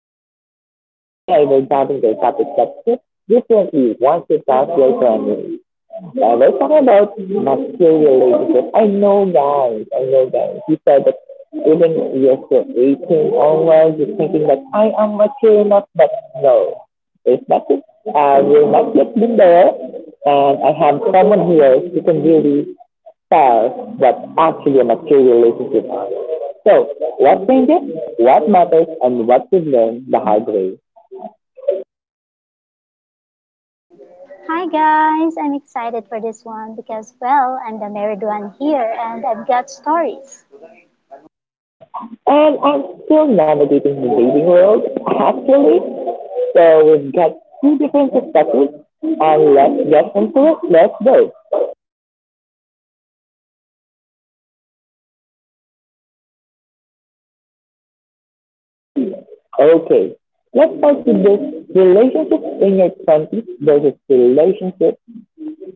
show. And today we're diving into a topic that hits differently once you pass your twenties. We're talking about material relationships. I know guys, I know guys. You said that even if you're still 18 onwards, you're thinking that I am mature enough, but no. It's not it. We're not yet been there. And I have someone here who can really stars that's actually a material relationship. So, what changes, what matters, and what we've learned the hard way. Hi guys, I'm excited for this one because, well, I'm the married one here and I've got stories. And I'm still navigating the dating world, actually. So, we've got two different perspectives, and let's get into it. Let's go. Okay, let's start with this relationships in your 20s versus relationships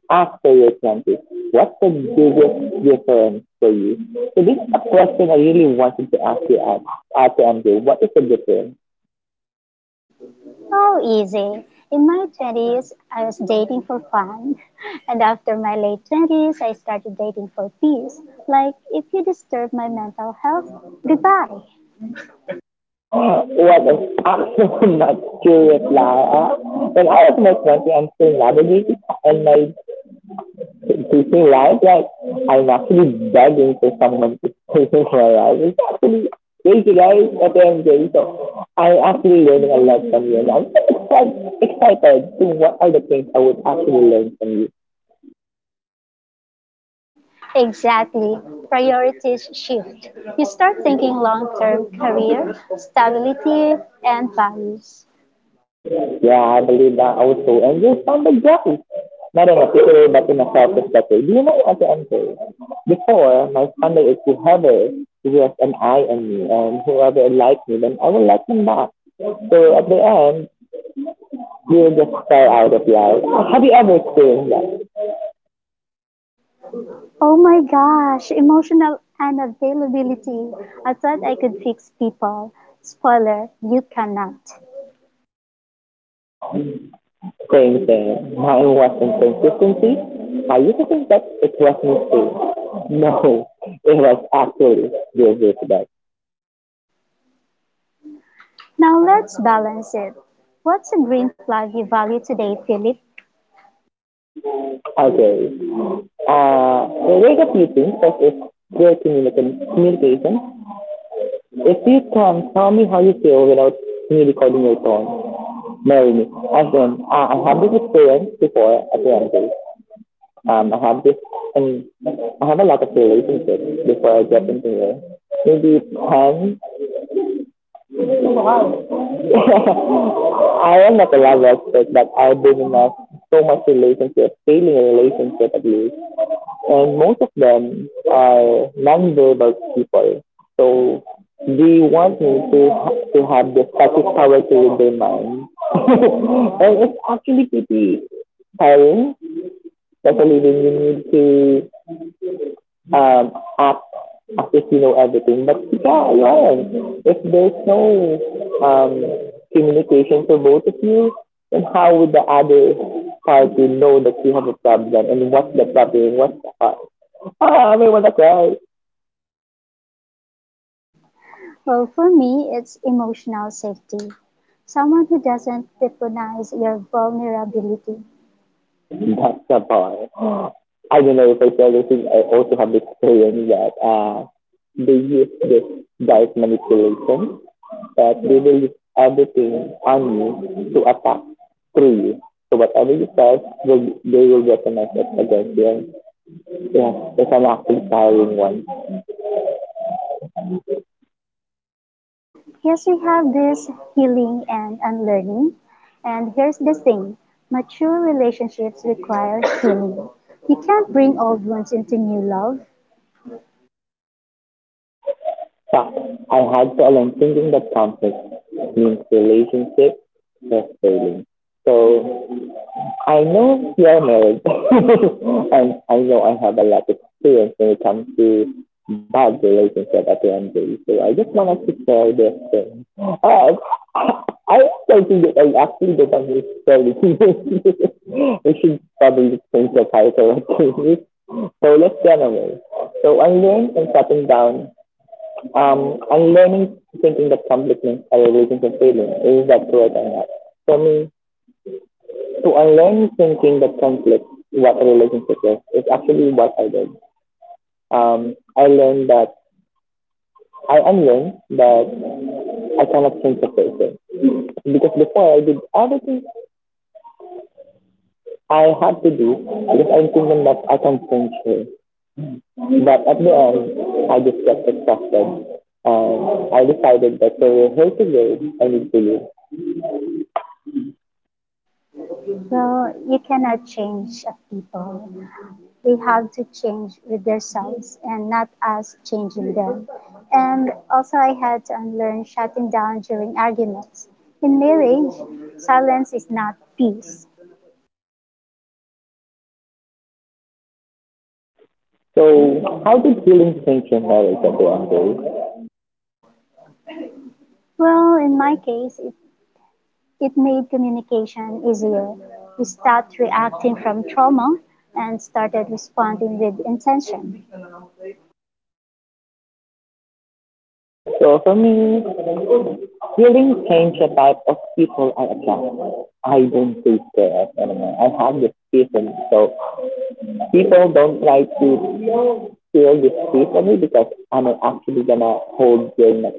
after your 20s? What's the biggest difference for you? So this is a question I really wanted to ask you, Ate Andrew. What is the difference? Oh, easy. In my 20s, I was dating for fun. And after my late 20s, I started dating for peace. Like, if you disturb my mental health, goodbye. What an absolute luxurious life. When I was in my 20s, I'm still navigating and my teaching life, like, I'm actually begging for someone to take into my life. It's actually crazy, guys, at the So I'm actually learning a lot from you, and I'm excited to what are the things I would actually learn from you. Exactly. Priorities shift. You start thinking long term career, stability, and values. Yeah, I believe that also. And you sounded grumpy. Not in a particular, but in a selfish letter. Do you know what to answer? Before, my standard is whoever has an eye on me and whoever likes me, then I will like them back. So at the end, you just fell out of love. Have you ever experienced that? Oh my gosh, emotional unavailability. I thought I could fix people. Spoiler, you cannot. Same thing. Mine was inconsistency. I used to think that it was me too. No, it was actually the reverse of. Now let's balance it. What's a green flag you value today, Philip? Okay, the rate of meeting first is your communication. If you can tell me how you feel without me recording your tone, marry me. As in, I have this experience before at the end of it, I have this, I mean, I have a lot of relationships before I get into here. Maybe 10. I am not a love expert, but I've been in a, so much relationship, failing a relationship at least. And most of them are non-verbal people. So they want me to have the psychic power to read their mind, and it's actually pretty tiring, especially when you need to act as if you know everything. But yeah, Lauren, if there's no um communication for both of you, then how would the other party know that you have a problem and what's the problem? What's the cause? Ah, everyone was right. Well, for me, it's emotional safety. Someone who doesn't weaponize your vulnerability. That's the part. I don't know if I tell said anything. I also have this experience that they use this diet manipulation that they will use everything on you to attack through you. So whatever you said, they will weaponize it against you. And yeah, it's an actually tiring one. Yes, we have this healing and unlearning. And here's the thing, mature relationships require healing. You can't bring old wounds into new love. But I had to alone thinking that conflict means relationship is failing. So I know we are married, and I know I have a lot of experience when it comes to bad relationship at the end of the day. So I just wanted to share this thing. I don't think that I actually don't understand it. We should probably change the title. So let's get away. So I unlearn and shutting down. I'm learning thinking that compliments are a relationship feeling. Is that correct or not? For me, to unlearn thinking that conflict what a relationship is actually what I did. I learned that I unlearned that I cannot change a person because before I did everything I had to do because I'm thinking that I can change her, but at the end I just got exhausted. I decided that for her to go, I need to leave. Well, you cannot change a people. They have to change with themselves and not us changing them. And also, I had to unlearn shutting down during arguments. In marriage, silence is not peace. So, how did healing change your marriage at the end of the day? Well, in my case, it made communication easier. We stopped reacting from trauma and started responding with intention. So, for me, hearing change the type of people I attract. I don't take care anymore. I have this season, so people don't like to feel this piece me because I'm actually gonna hold your neck.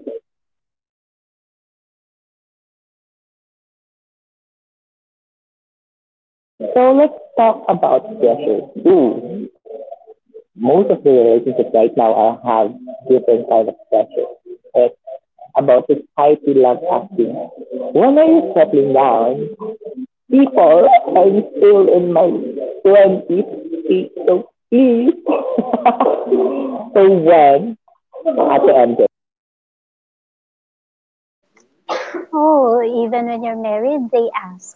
So let's talk about pressure. Ooh, most of the relationships right now I have different kind of pressure. It's about society love asking, when are you settling down? People. I'm still in my twenties, so please. So when at the end, Oh, even when you're married, they ask,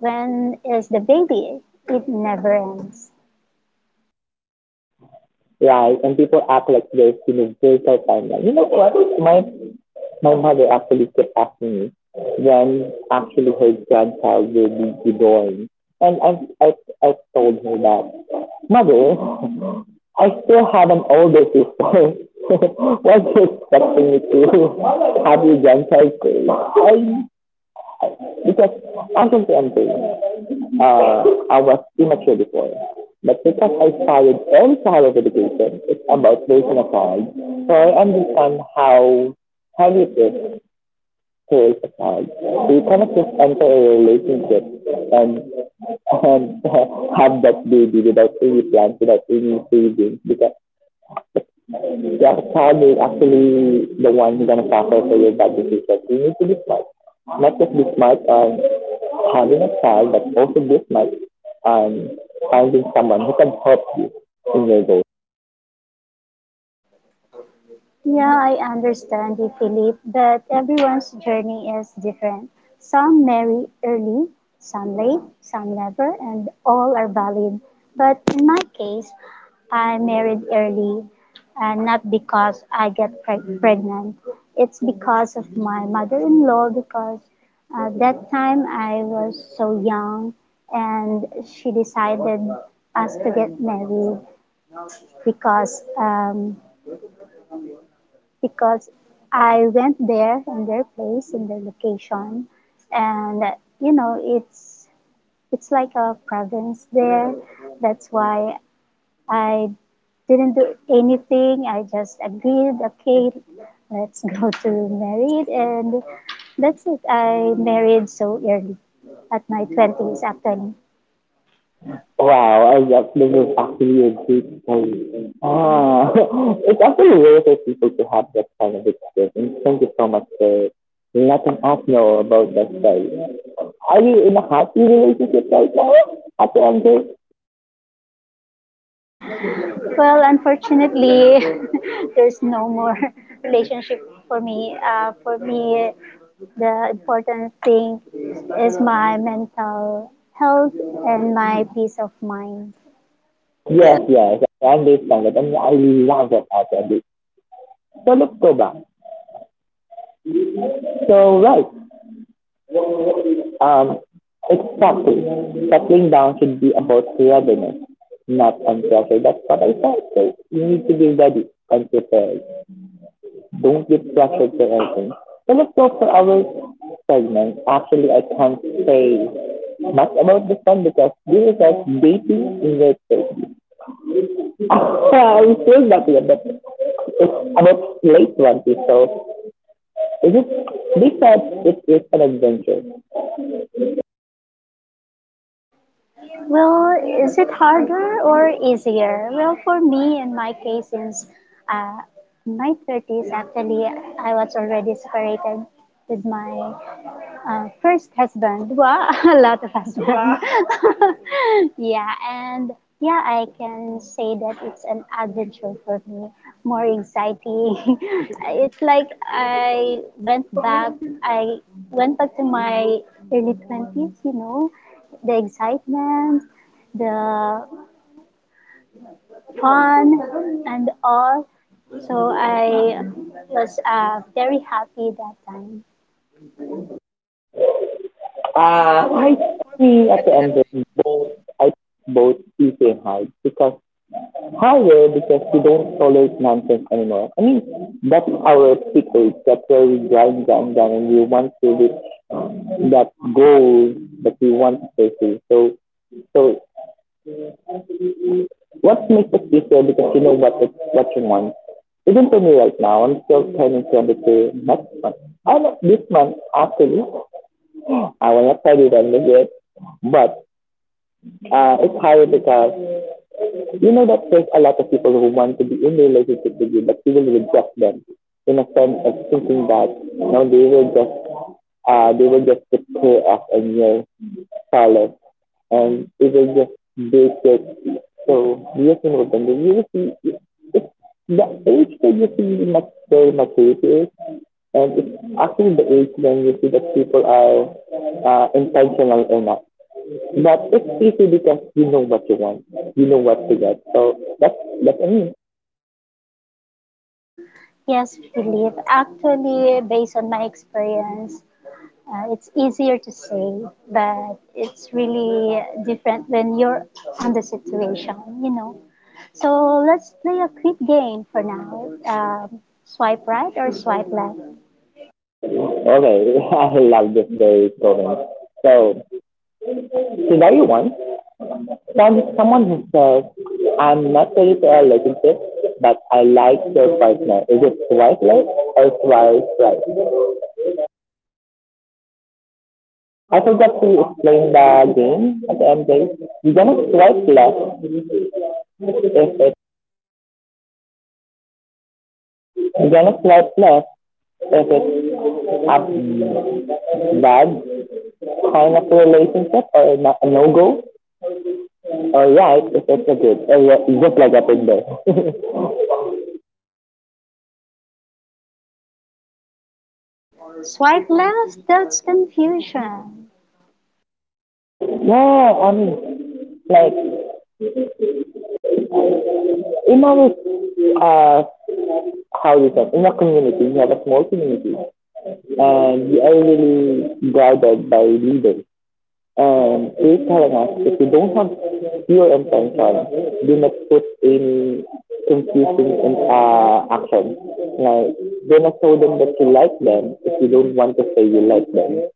when is the baby? It never ends. right? And people act like there's universal timeline. You know what? My my mother actually kept asking me when actually her grandchild will be reborn, and I I told her that mother. I still have an older sister. Why are you expecting me to have your grandchild? I. Because honestly, I'm doing. Uh, I was immature before, but because I started early childhood education, it's about raising a child. So I understand how it is to raise a child. So you cannot just enter a relationship and and have that baby without any plans, without any savings, because your child is actually the one who's gonna suffer for your bad decisions. You need to be smart not just be smart on having a child that also this, much and finding someone who can help you in your goals. Yeah, I understand you, Philip, but everyone's journey is different. Some marry early, some late, some never, and all are valid. But in my case, I married early, and not because I get pregnant. It's because of my mother-in-law, because at that time I was so young, and she decided us to get married because um, because I went there in their place, in their location, and you know it's like a province there. That's why I didn't do anything. I just agreed, okay, let's go to married, and that's it. I married so early at my twenties, actually. Wow, I love this is actually a great story. Ah, it's actually rare for people to have that kind of experience. Thank you so much for letting us know about that story. Are you in a happy relationship right now, Ate Andre? Well, unfortunately, there's no more relationship for me. For me, the important thing is my mental health and my peace of mind. Yes. Yes, yes, I understand that, and I love it, Ate Andre. So let's go back. So, right, Um, exactly. Settling down should be about readiness, not on pressure. That's what I thought. So you need to be ready and prepared. Don't get pressured for anything. So let's go for our segment. Actually, I can't say much about this one because this is like dating in your 30s. I'm still not here, but it's about late 20s. So is it, they said it is an adventure. Well, is it harder or easier? Well, for me, in my case, since uh, in my 30s, actually, I was already separated with my first husband. Wow, a lot of husband. Wow. Yeah, and yeah, I can say that it's an adventure for me. More exciting. It's like I went back. I went back to my early 20s. You know, the excitement, the fun, and all. So I was very happy that time. Uh, I for me see at at the the end MJ, of I both eat and hide because higher because we don't tolerate nonsense anymore. I mean that's our secret. That's where we grind, and we want to reach that goal that we want to pursue. So so what makes us easier because you know what it, what you want. Even for me right now, I'm still planning to undertake next month. I not this month actually. I will not tell you when it's but it's higher because you know that there's a lot of people who want to be in a relationship with you, but you will reject them in a sense of thinking that no, they will just get pay off a your salad and it will just bake it. So yes, in Rotunda, you will see it's the age that you see much their maturity is, and it's actually the age when you see that people are intentional or not. But it's easy because you know what you want, you know what to get. So that's I mean. Yes, Philip. Actually, based on my experience, it's easier to say, but it's really different when you're on the situation, you know. So let's play a quick game for now. Swipe right or swipe left? Okay, I love this very program. So today one, someone who says, I'm not ready for a relationship, but I like your partner. Is it twice left or twice right? I forgot to explain the game at the end game. You're gonna swipe left if it's you're gonna swipe left if it's a bad kind of a relationship or a no go, or right if it's a good, or just like a Tinder. Swipe left, that's confusion. No, I mean like in our uh how do you say in our community, we have a small community and we are really guided by leaders. And they're telling us if you don't have pure intention, do not put any confusing in action. Like do not show them that you like them if you don't want to say you like them.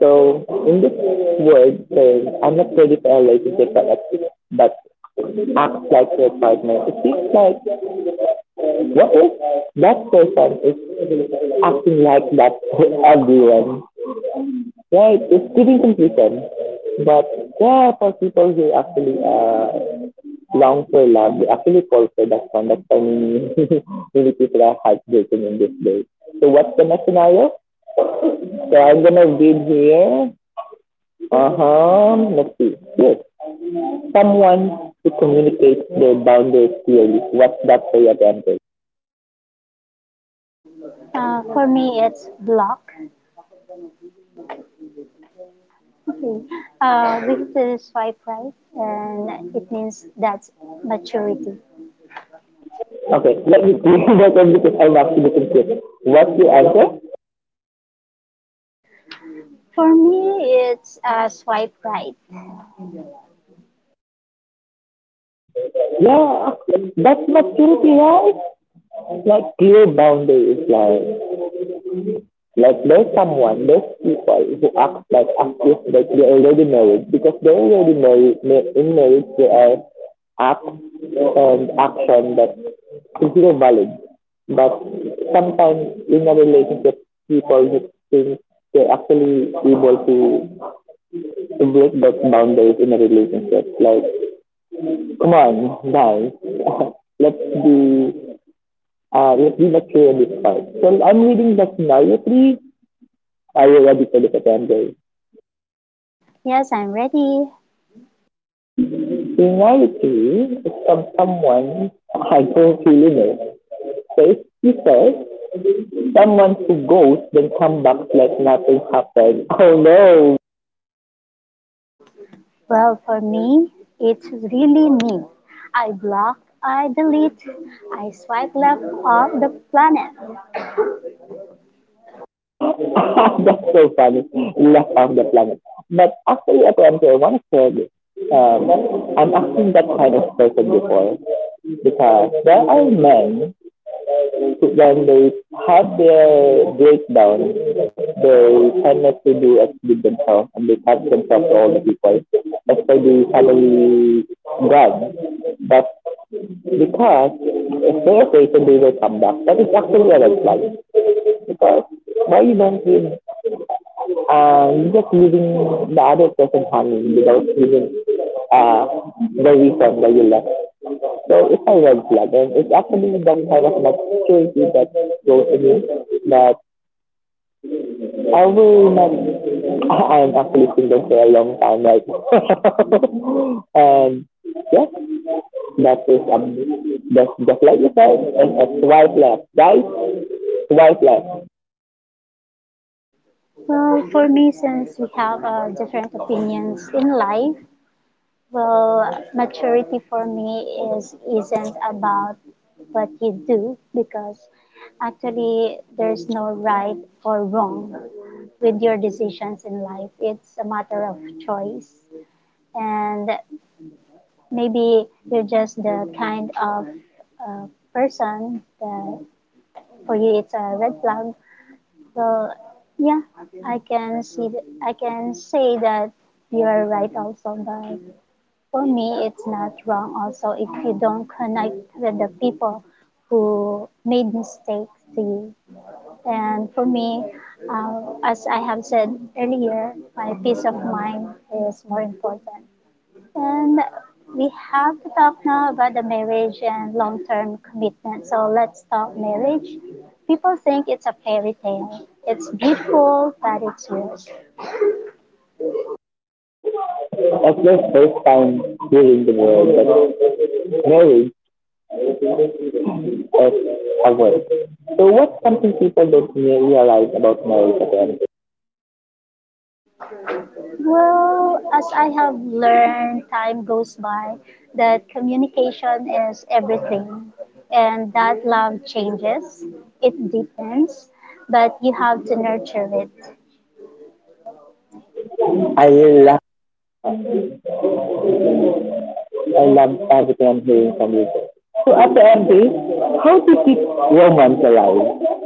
So in this word saying I'm not ready for a relationship that exists, but acts like their partner. It seems like what if that person is acting like that for everyone, right? It's giving confusion. But yeah, for people who actually long for love, they actually fall for that one. That's why many people are heartbroken in this day. So what's the next scenario? So I'm gonna read here. Uh huh. Let's see. Yes, someone who communicates their boundaries clearly. What's that for your temper? For me, it's block. Okay. We have to swipe right, and it means that's maturity. Okay, let me think that it because I'm actually confused. What's the answer? For me, it's swipe right. Yeah, that's maturity, right? Like clear boundaries, like there's someone, there's people who act like as if like they're already married because they're already married. In marriage, there are acts and action that consider valid, but sometimes in a relationship, people just think they're actually able to break those boundaries in a relationship, like come on, guys. Let's be let's be mature in this part. So I'm reading the scenario three. Are you ready for the September? Yes, I'm ready. Scenario three is from someone I don't really know. First, he says someone who goes then come back like nothing happened. Oh no. Well, for me, it's really me. I block, I delete, I swipe left off the planet. That's so funny. Left off the planet. But actually, at the end, I want to share this. I'm actually that kind of person before because there are men when they have their breakdown, they tend not to do as good themselves and they cut themselves to all the people, especially family God. But because if they're afraid that they will come back, that is actually a red flag. Because why you don't give, you just leaving the other person hanging without giving uh, the reason why you left. So it's a red flag, and it's actually that kind of maturity that goes in that I will not. I am actually single for a long time right now. And yes, that is just like you said, and a swipe left, guys. Swipe left. Well, for me, since we have different opinions in life, well, maturity for me is isn't about what you do because actually there's no right or wrong with your decisions in life. It's a matter of choice, and maybe you're just the kind of uh, person that for you it's a red flag. Well, yeah, I can say that you are right also, but for me it's not wrong also if you don't connect with the people who made mistakes to you. And for me, as I have said earlier, my peace of mind is more important. And we have to talk now about the marriage and long term commitment. So let's talk marriage. People think it's a fairy tale. It's beautiful, but it's work. That's your first time hearing the word but marriage is a word. So what's something people don't realize about marriage at again? Well, as I have learned, time goes by, that communication is everything. And that love changes, it deepens, but you have to nurture it. I really I love I love everything I'm hearing from you. So at the end, how do you keep romance alive?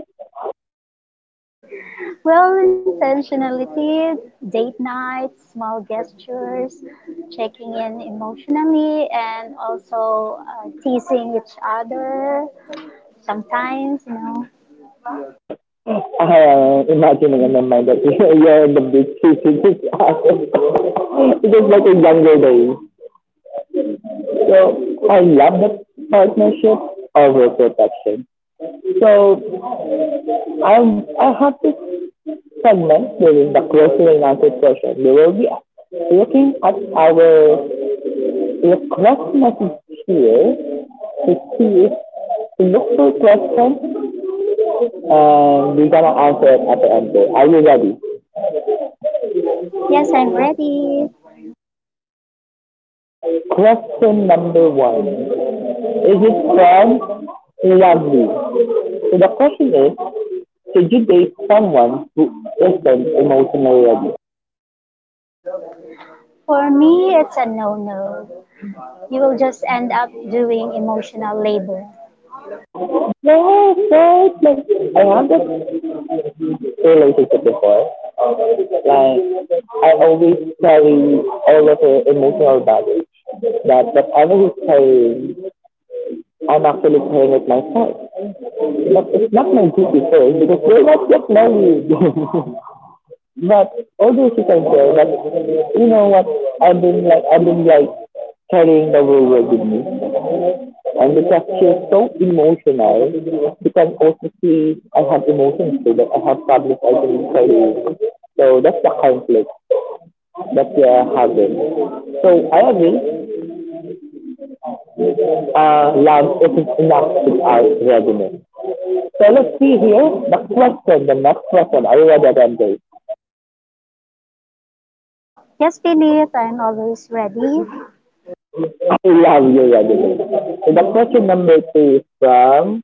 Well, intentionality, date nights, small gestures, checking in emotionally, and also teasing each other sometimes, you know. I am imagining in my mind that you're in the big city with this awesome. It is like a younger days. So I love that partnership over protection. So I I have this segment during the closing and answer session. We will be looking at our request message here to see if to look for questions and we're gonna answer it at the end. Are you ready? Yes, I'm ready. Question number one. Is it from lovely? So the question is, should you date someone who isn't emotionally ready? For me, it's a no no. You will just end up doing emotional labor. No, no, like I had this relationship before. Like I always carry all of the emotional baggage that whatever he's carrying, I'm actually carrying it myself. But it's not my duty first because we're not yet married. But although she can tell, but you know what? I've been like carrying the whole world with me, and because she is so emotional, she can also see I have emotions too. That I have public I can carry. So that's the conflict that we are having. So I agree. Love isn't enough without readiness. So let's see here the question. The next question. Are you ready, Randy? Yes, Philip, I'm always ready. Okay, you have your ready. So the question number two is from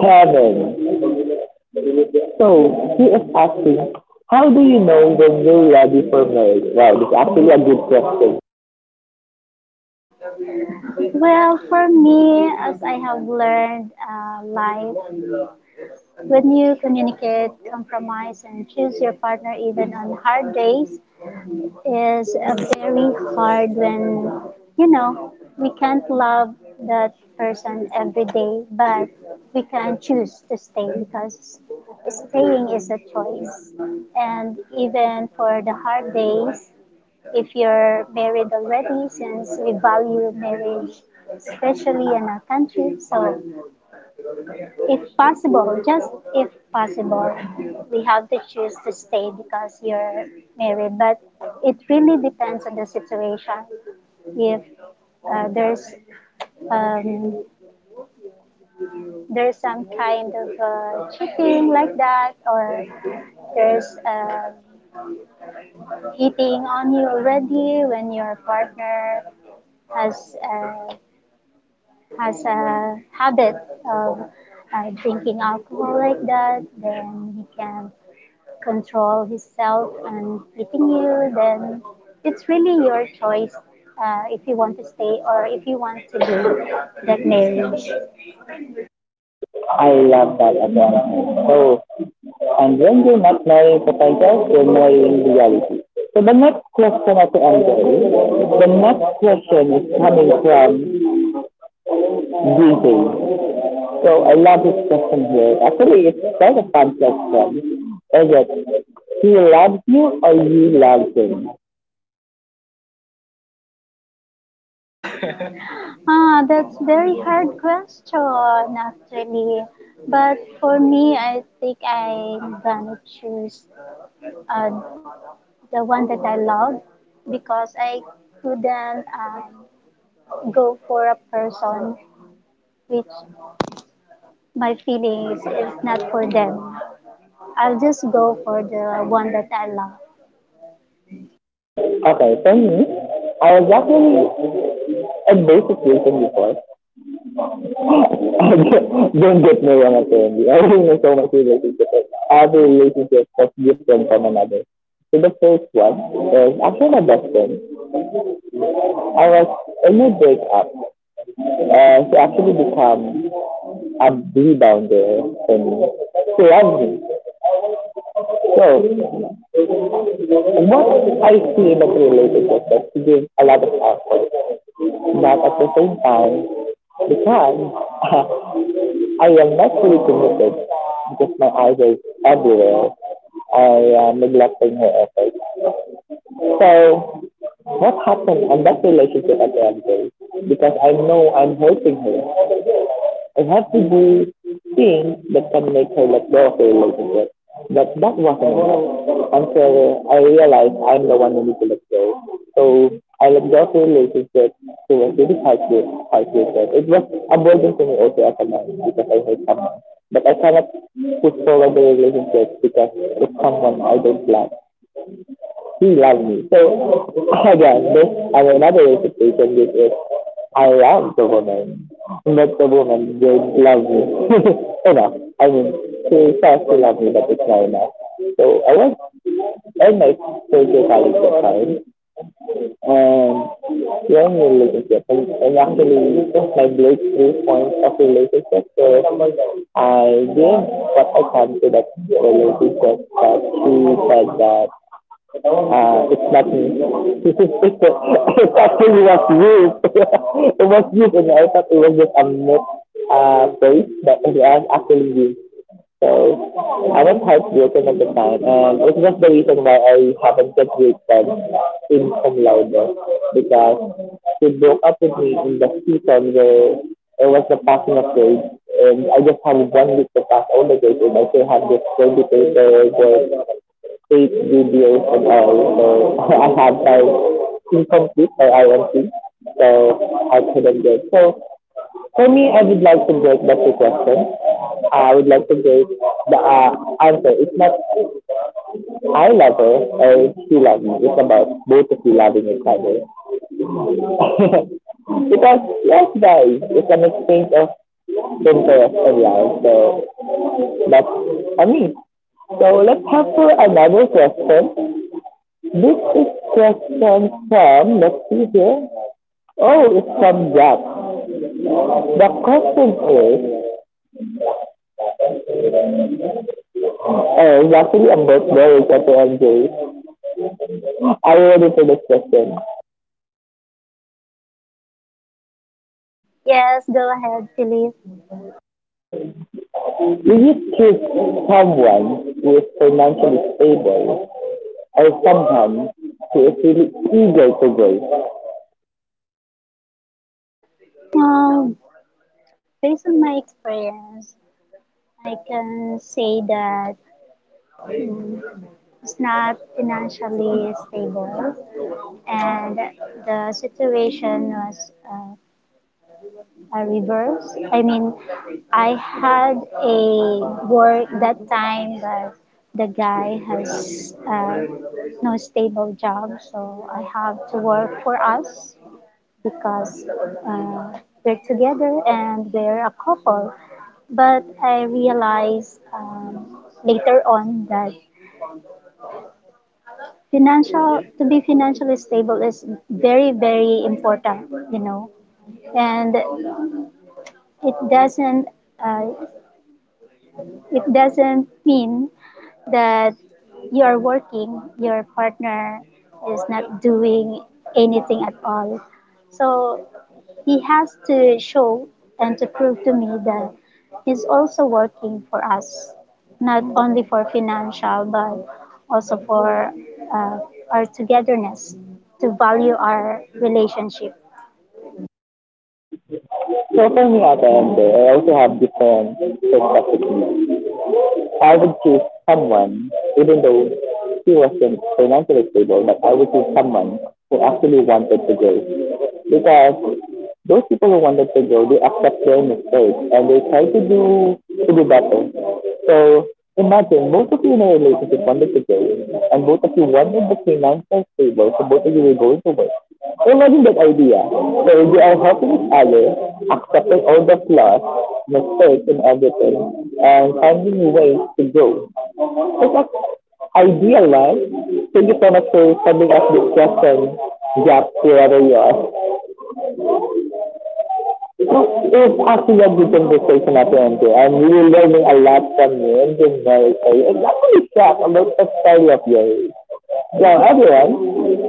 Kevin. So he is asking, how do you know when you're ready for marriage? Wow, this is actually a good question. Well, for me, as I have learned, life. When you communicate, compromise, and choose your partner even on hard days is very hard when, you know, we can't love that person every day, but we can choose to stay because staying is a choice. And even for the hard days, if you're married already, since we value marriage, especially in our country, so if possible, just if possible, we have to choose to stay because you're married. But it really depends on the situation. If uh, there's um, there's some kind of cheating like that, or there's hitting on you already when your partner has uh, has a habit of drinking alcohol like that, then he can control himself and hitting you, then it's really your choice if you want to stay or if you want to do that marriage. I love that advancement. So, and when you're not marrying potential, you're marrying reality. So the next question at the end, the next question is coming from these days. So I love this question here. Actually, it's quite a fun question. Is it he loves you or you love him? Ah, that's very hard question actually. But for me, I think I'm gonna choose uh, the one that I love because I couldn't go for a person which my feelings is not for them. I'll just go for the one that I love. Okay, for me, I was actually in both situations before. Don't get me wrong, apparently. I don't know so much relationships. Every relationship was different from another. So the first one is actually my best friend. I was in my breakup. She actually became I'm rebounder and she loves me. So what I see in a relationship is to give a lot of effort, but at the same time, because I am not fully committed because my eyes are everywhere, I am neglecting her effort. So what happened on that relationship at the end of the day? Because I know I'm hurting her. I had to do things that can make her let go of the relationship. But that wasn't enough until I realized I'm the one who needs to let go. So I let go of the relationship. She was really heartbreak, heartbreaking. It was a burden to me also as a man because I hate someone. But I cannot push forward the relationship because it's someone I don't like he loved me. So again, this I mean, another reciprocation this is I loved the woman, not the woman did love me. Enough, I mean, she says she loved me, but it's not enough. So I was in my social college at the time, and when you're relationship, and actually my breakthrough point of relationship was I did what I can to that relationship that she said that it's not me. It's actually was you. It was you, and I thought it was just a myth face, but it was actually you. So I was heartbroken at the time, and it was the reason why I haven't graduated in cum laude because she broke up with me in the season where it was the passing of grades, and I just had 1 week to pass all the grades, and I still had this 20 paper work eight videos and all. So I have like incomplete or IMC. So I couldn't do it. So for me, I would like to break the two questions. I would like to break the answer. It's not I love her or she loves me. It's about both of you loving each other. Because yes, guys, it's an exchange of interest and love. So that's for me. So let's have for another question. This is question from, let's see here. Oh, it's from Jack. The question is, oh, it's actually about marriage at the end, Jay. Are you ready for this question? Yes, go ahead, Philip. Will you choose someone who is financially stable or someone who is really eager to grow? Um, based on my experience, I can say that mm, it's not financially stable, and the situation was a reverse. I mean, I had a work that time, but the guy has no stable job, so I have to work for us because uh, they're together and they're a couple. But I realized later on that financial to be financially stable is very very important, you know, and it doesn't uh, it doesn't mean that you are working, your partner is not doing anything at all. So he has to show and to prove to me that he's also working for us, not only for financial, but also for uh, our togetherness, to value our relationship. So for me at the end, Jay, I also have different perspectives. I would choose someone, even though he wasn't financially stable, but I would choose someone who actually wanted to grow. Because those people who wanted to grow, they accept their mistakes and they try to do better. So imagine both of you in a relationship wanted to grow and both of you wanted the financial stable, so both of you will go to work. Imagine that idea, where we are helping each other, accepting all the flaws, mistakes, and everything, and finding ways to grow. It's an ideal, right? Thank you so much for sending us this question, Jack, wherever you are. It's actually a good conversation at the end here. I'm really learning a lot from you and being very excited. I'm actually shocked about the story of yours. So everyone,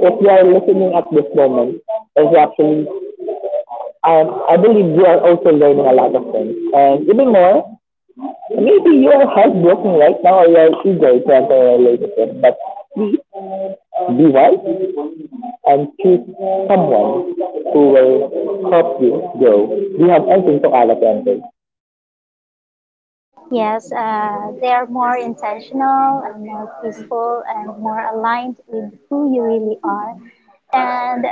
if you are listening at this moment, if you actually I believe we are also learning a lot of things. And even more, maybe you're heartbroken right now or you're eager to enter a relationship, but be wise and choose someone who will help you grow. Do you have anything to add at the end? Yes, they are more intentional and more peaceful and more aligned with who you really are. And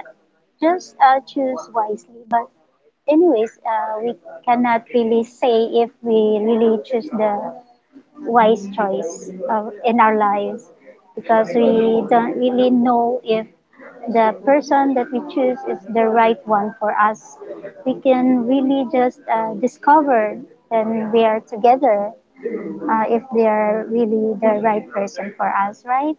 just choose wisely. But, anyways, we cannot really say if we really choose the wise choice in our lives because we don't really know if the person that we choose is the right one for us. We can really just discover when we are together if they are really the right person for us, right?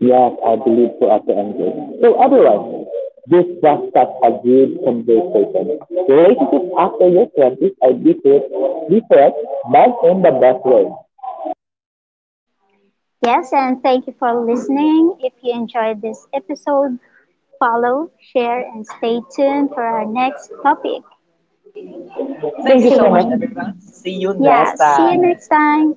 Yes, I believe so at the end. So everyone, this was such a good conversation. Relationships after your 20s are different, different, but in the best way. Yes, and thank you for listening. If you enjoyed this episode, follow, share, and stay tuned for our next topic. Thank Thank you you See so you. so Much, much, everyone. See you Yeah, Matt, next time. See you next time.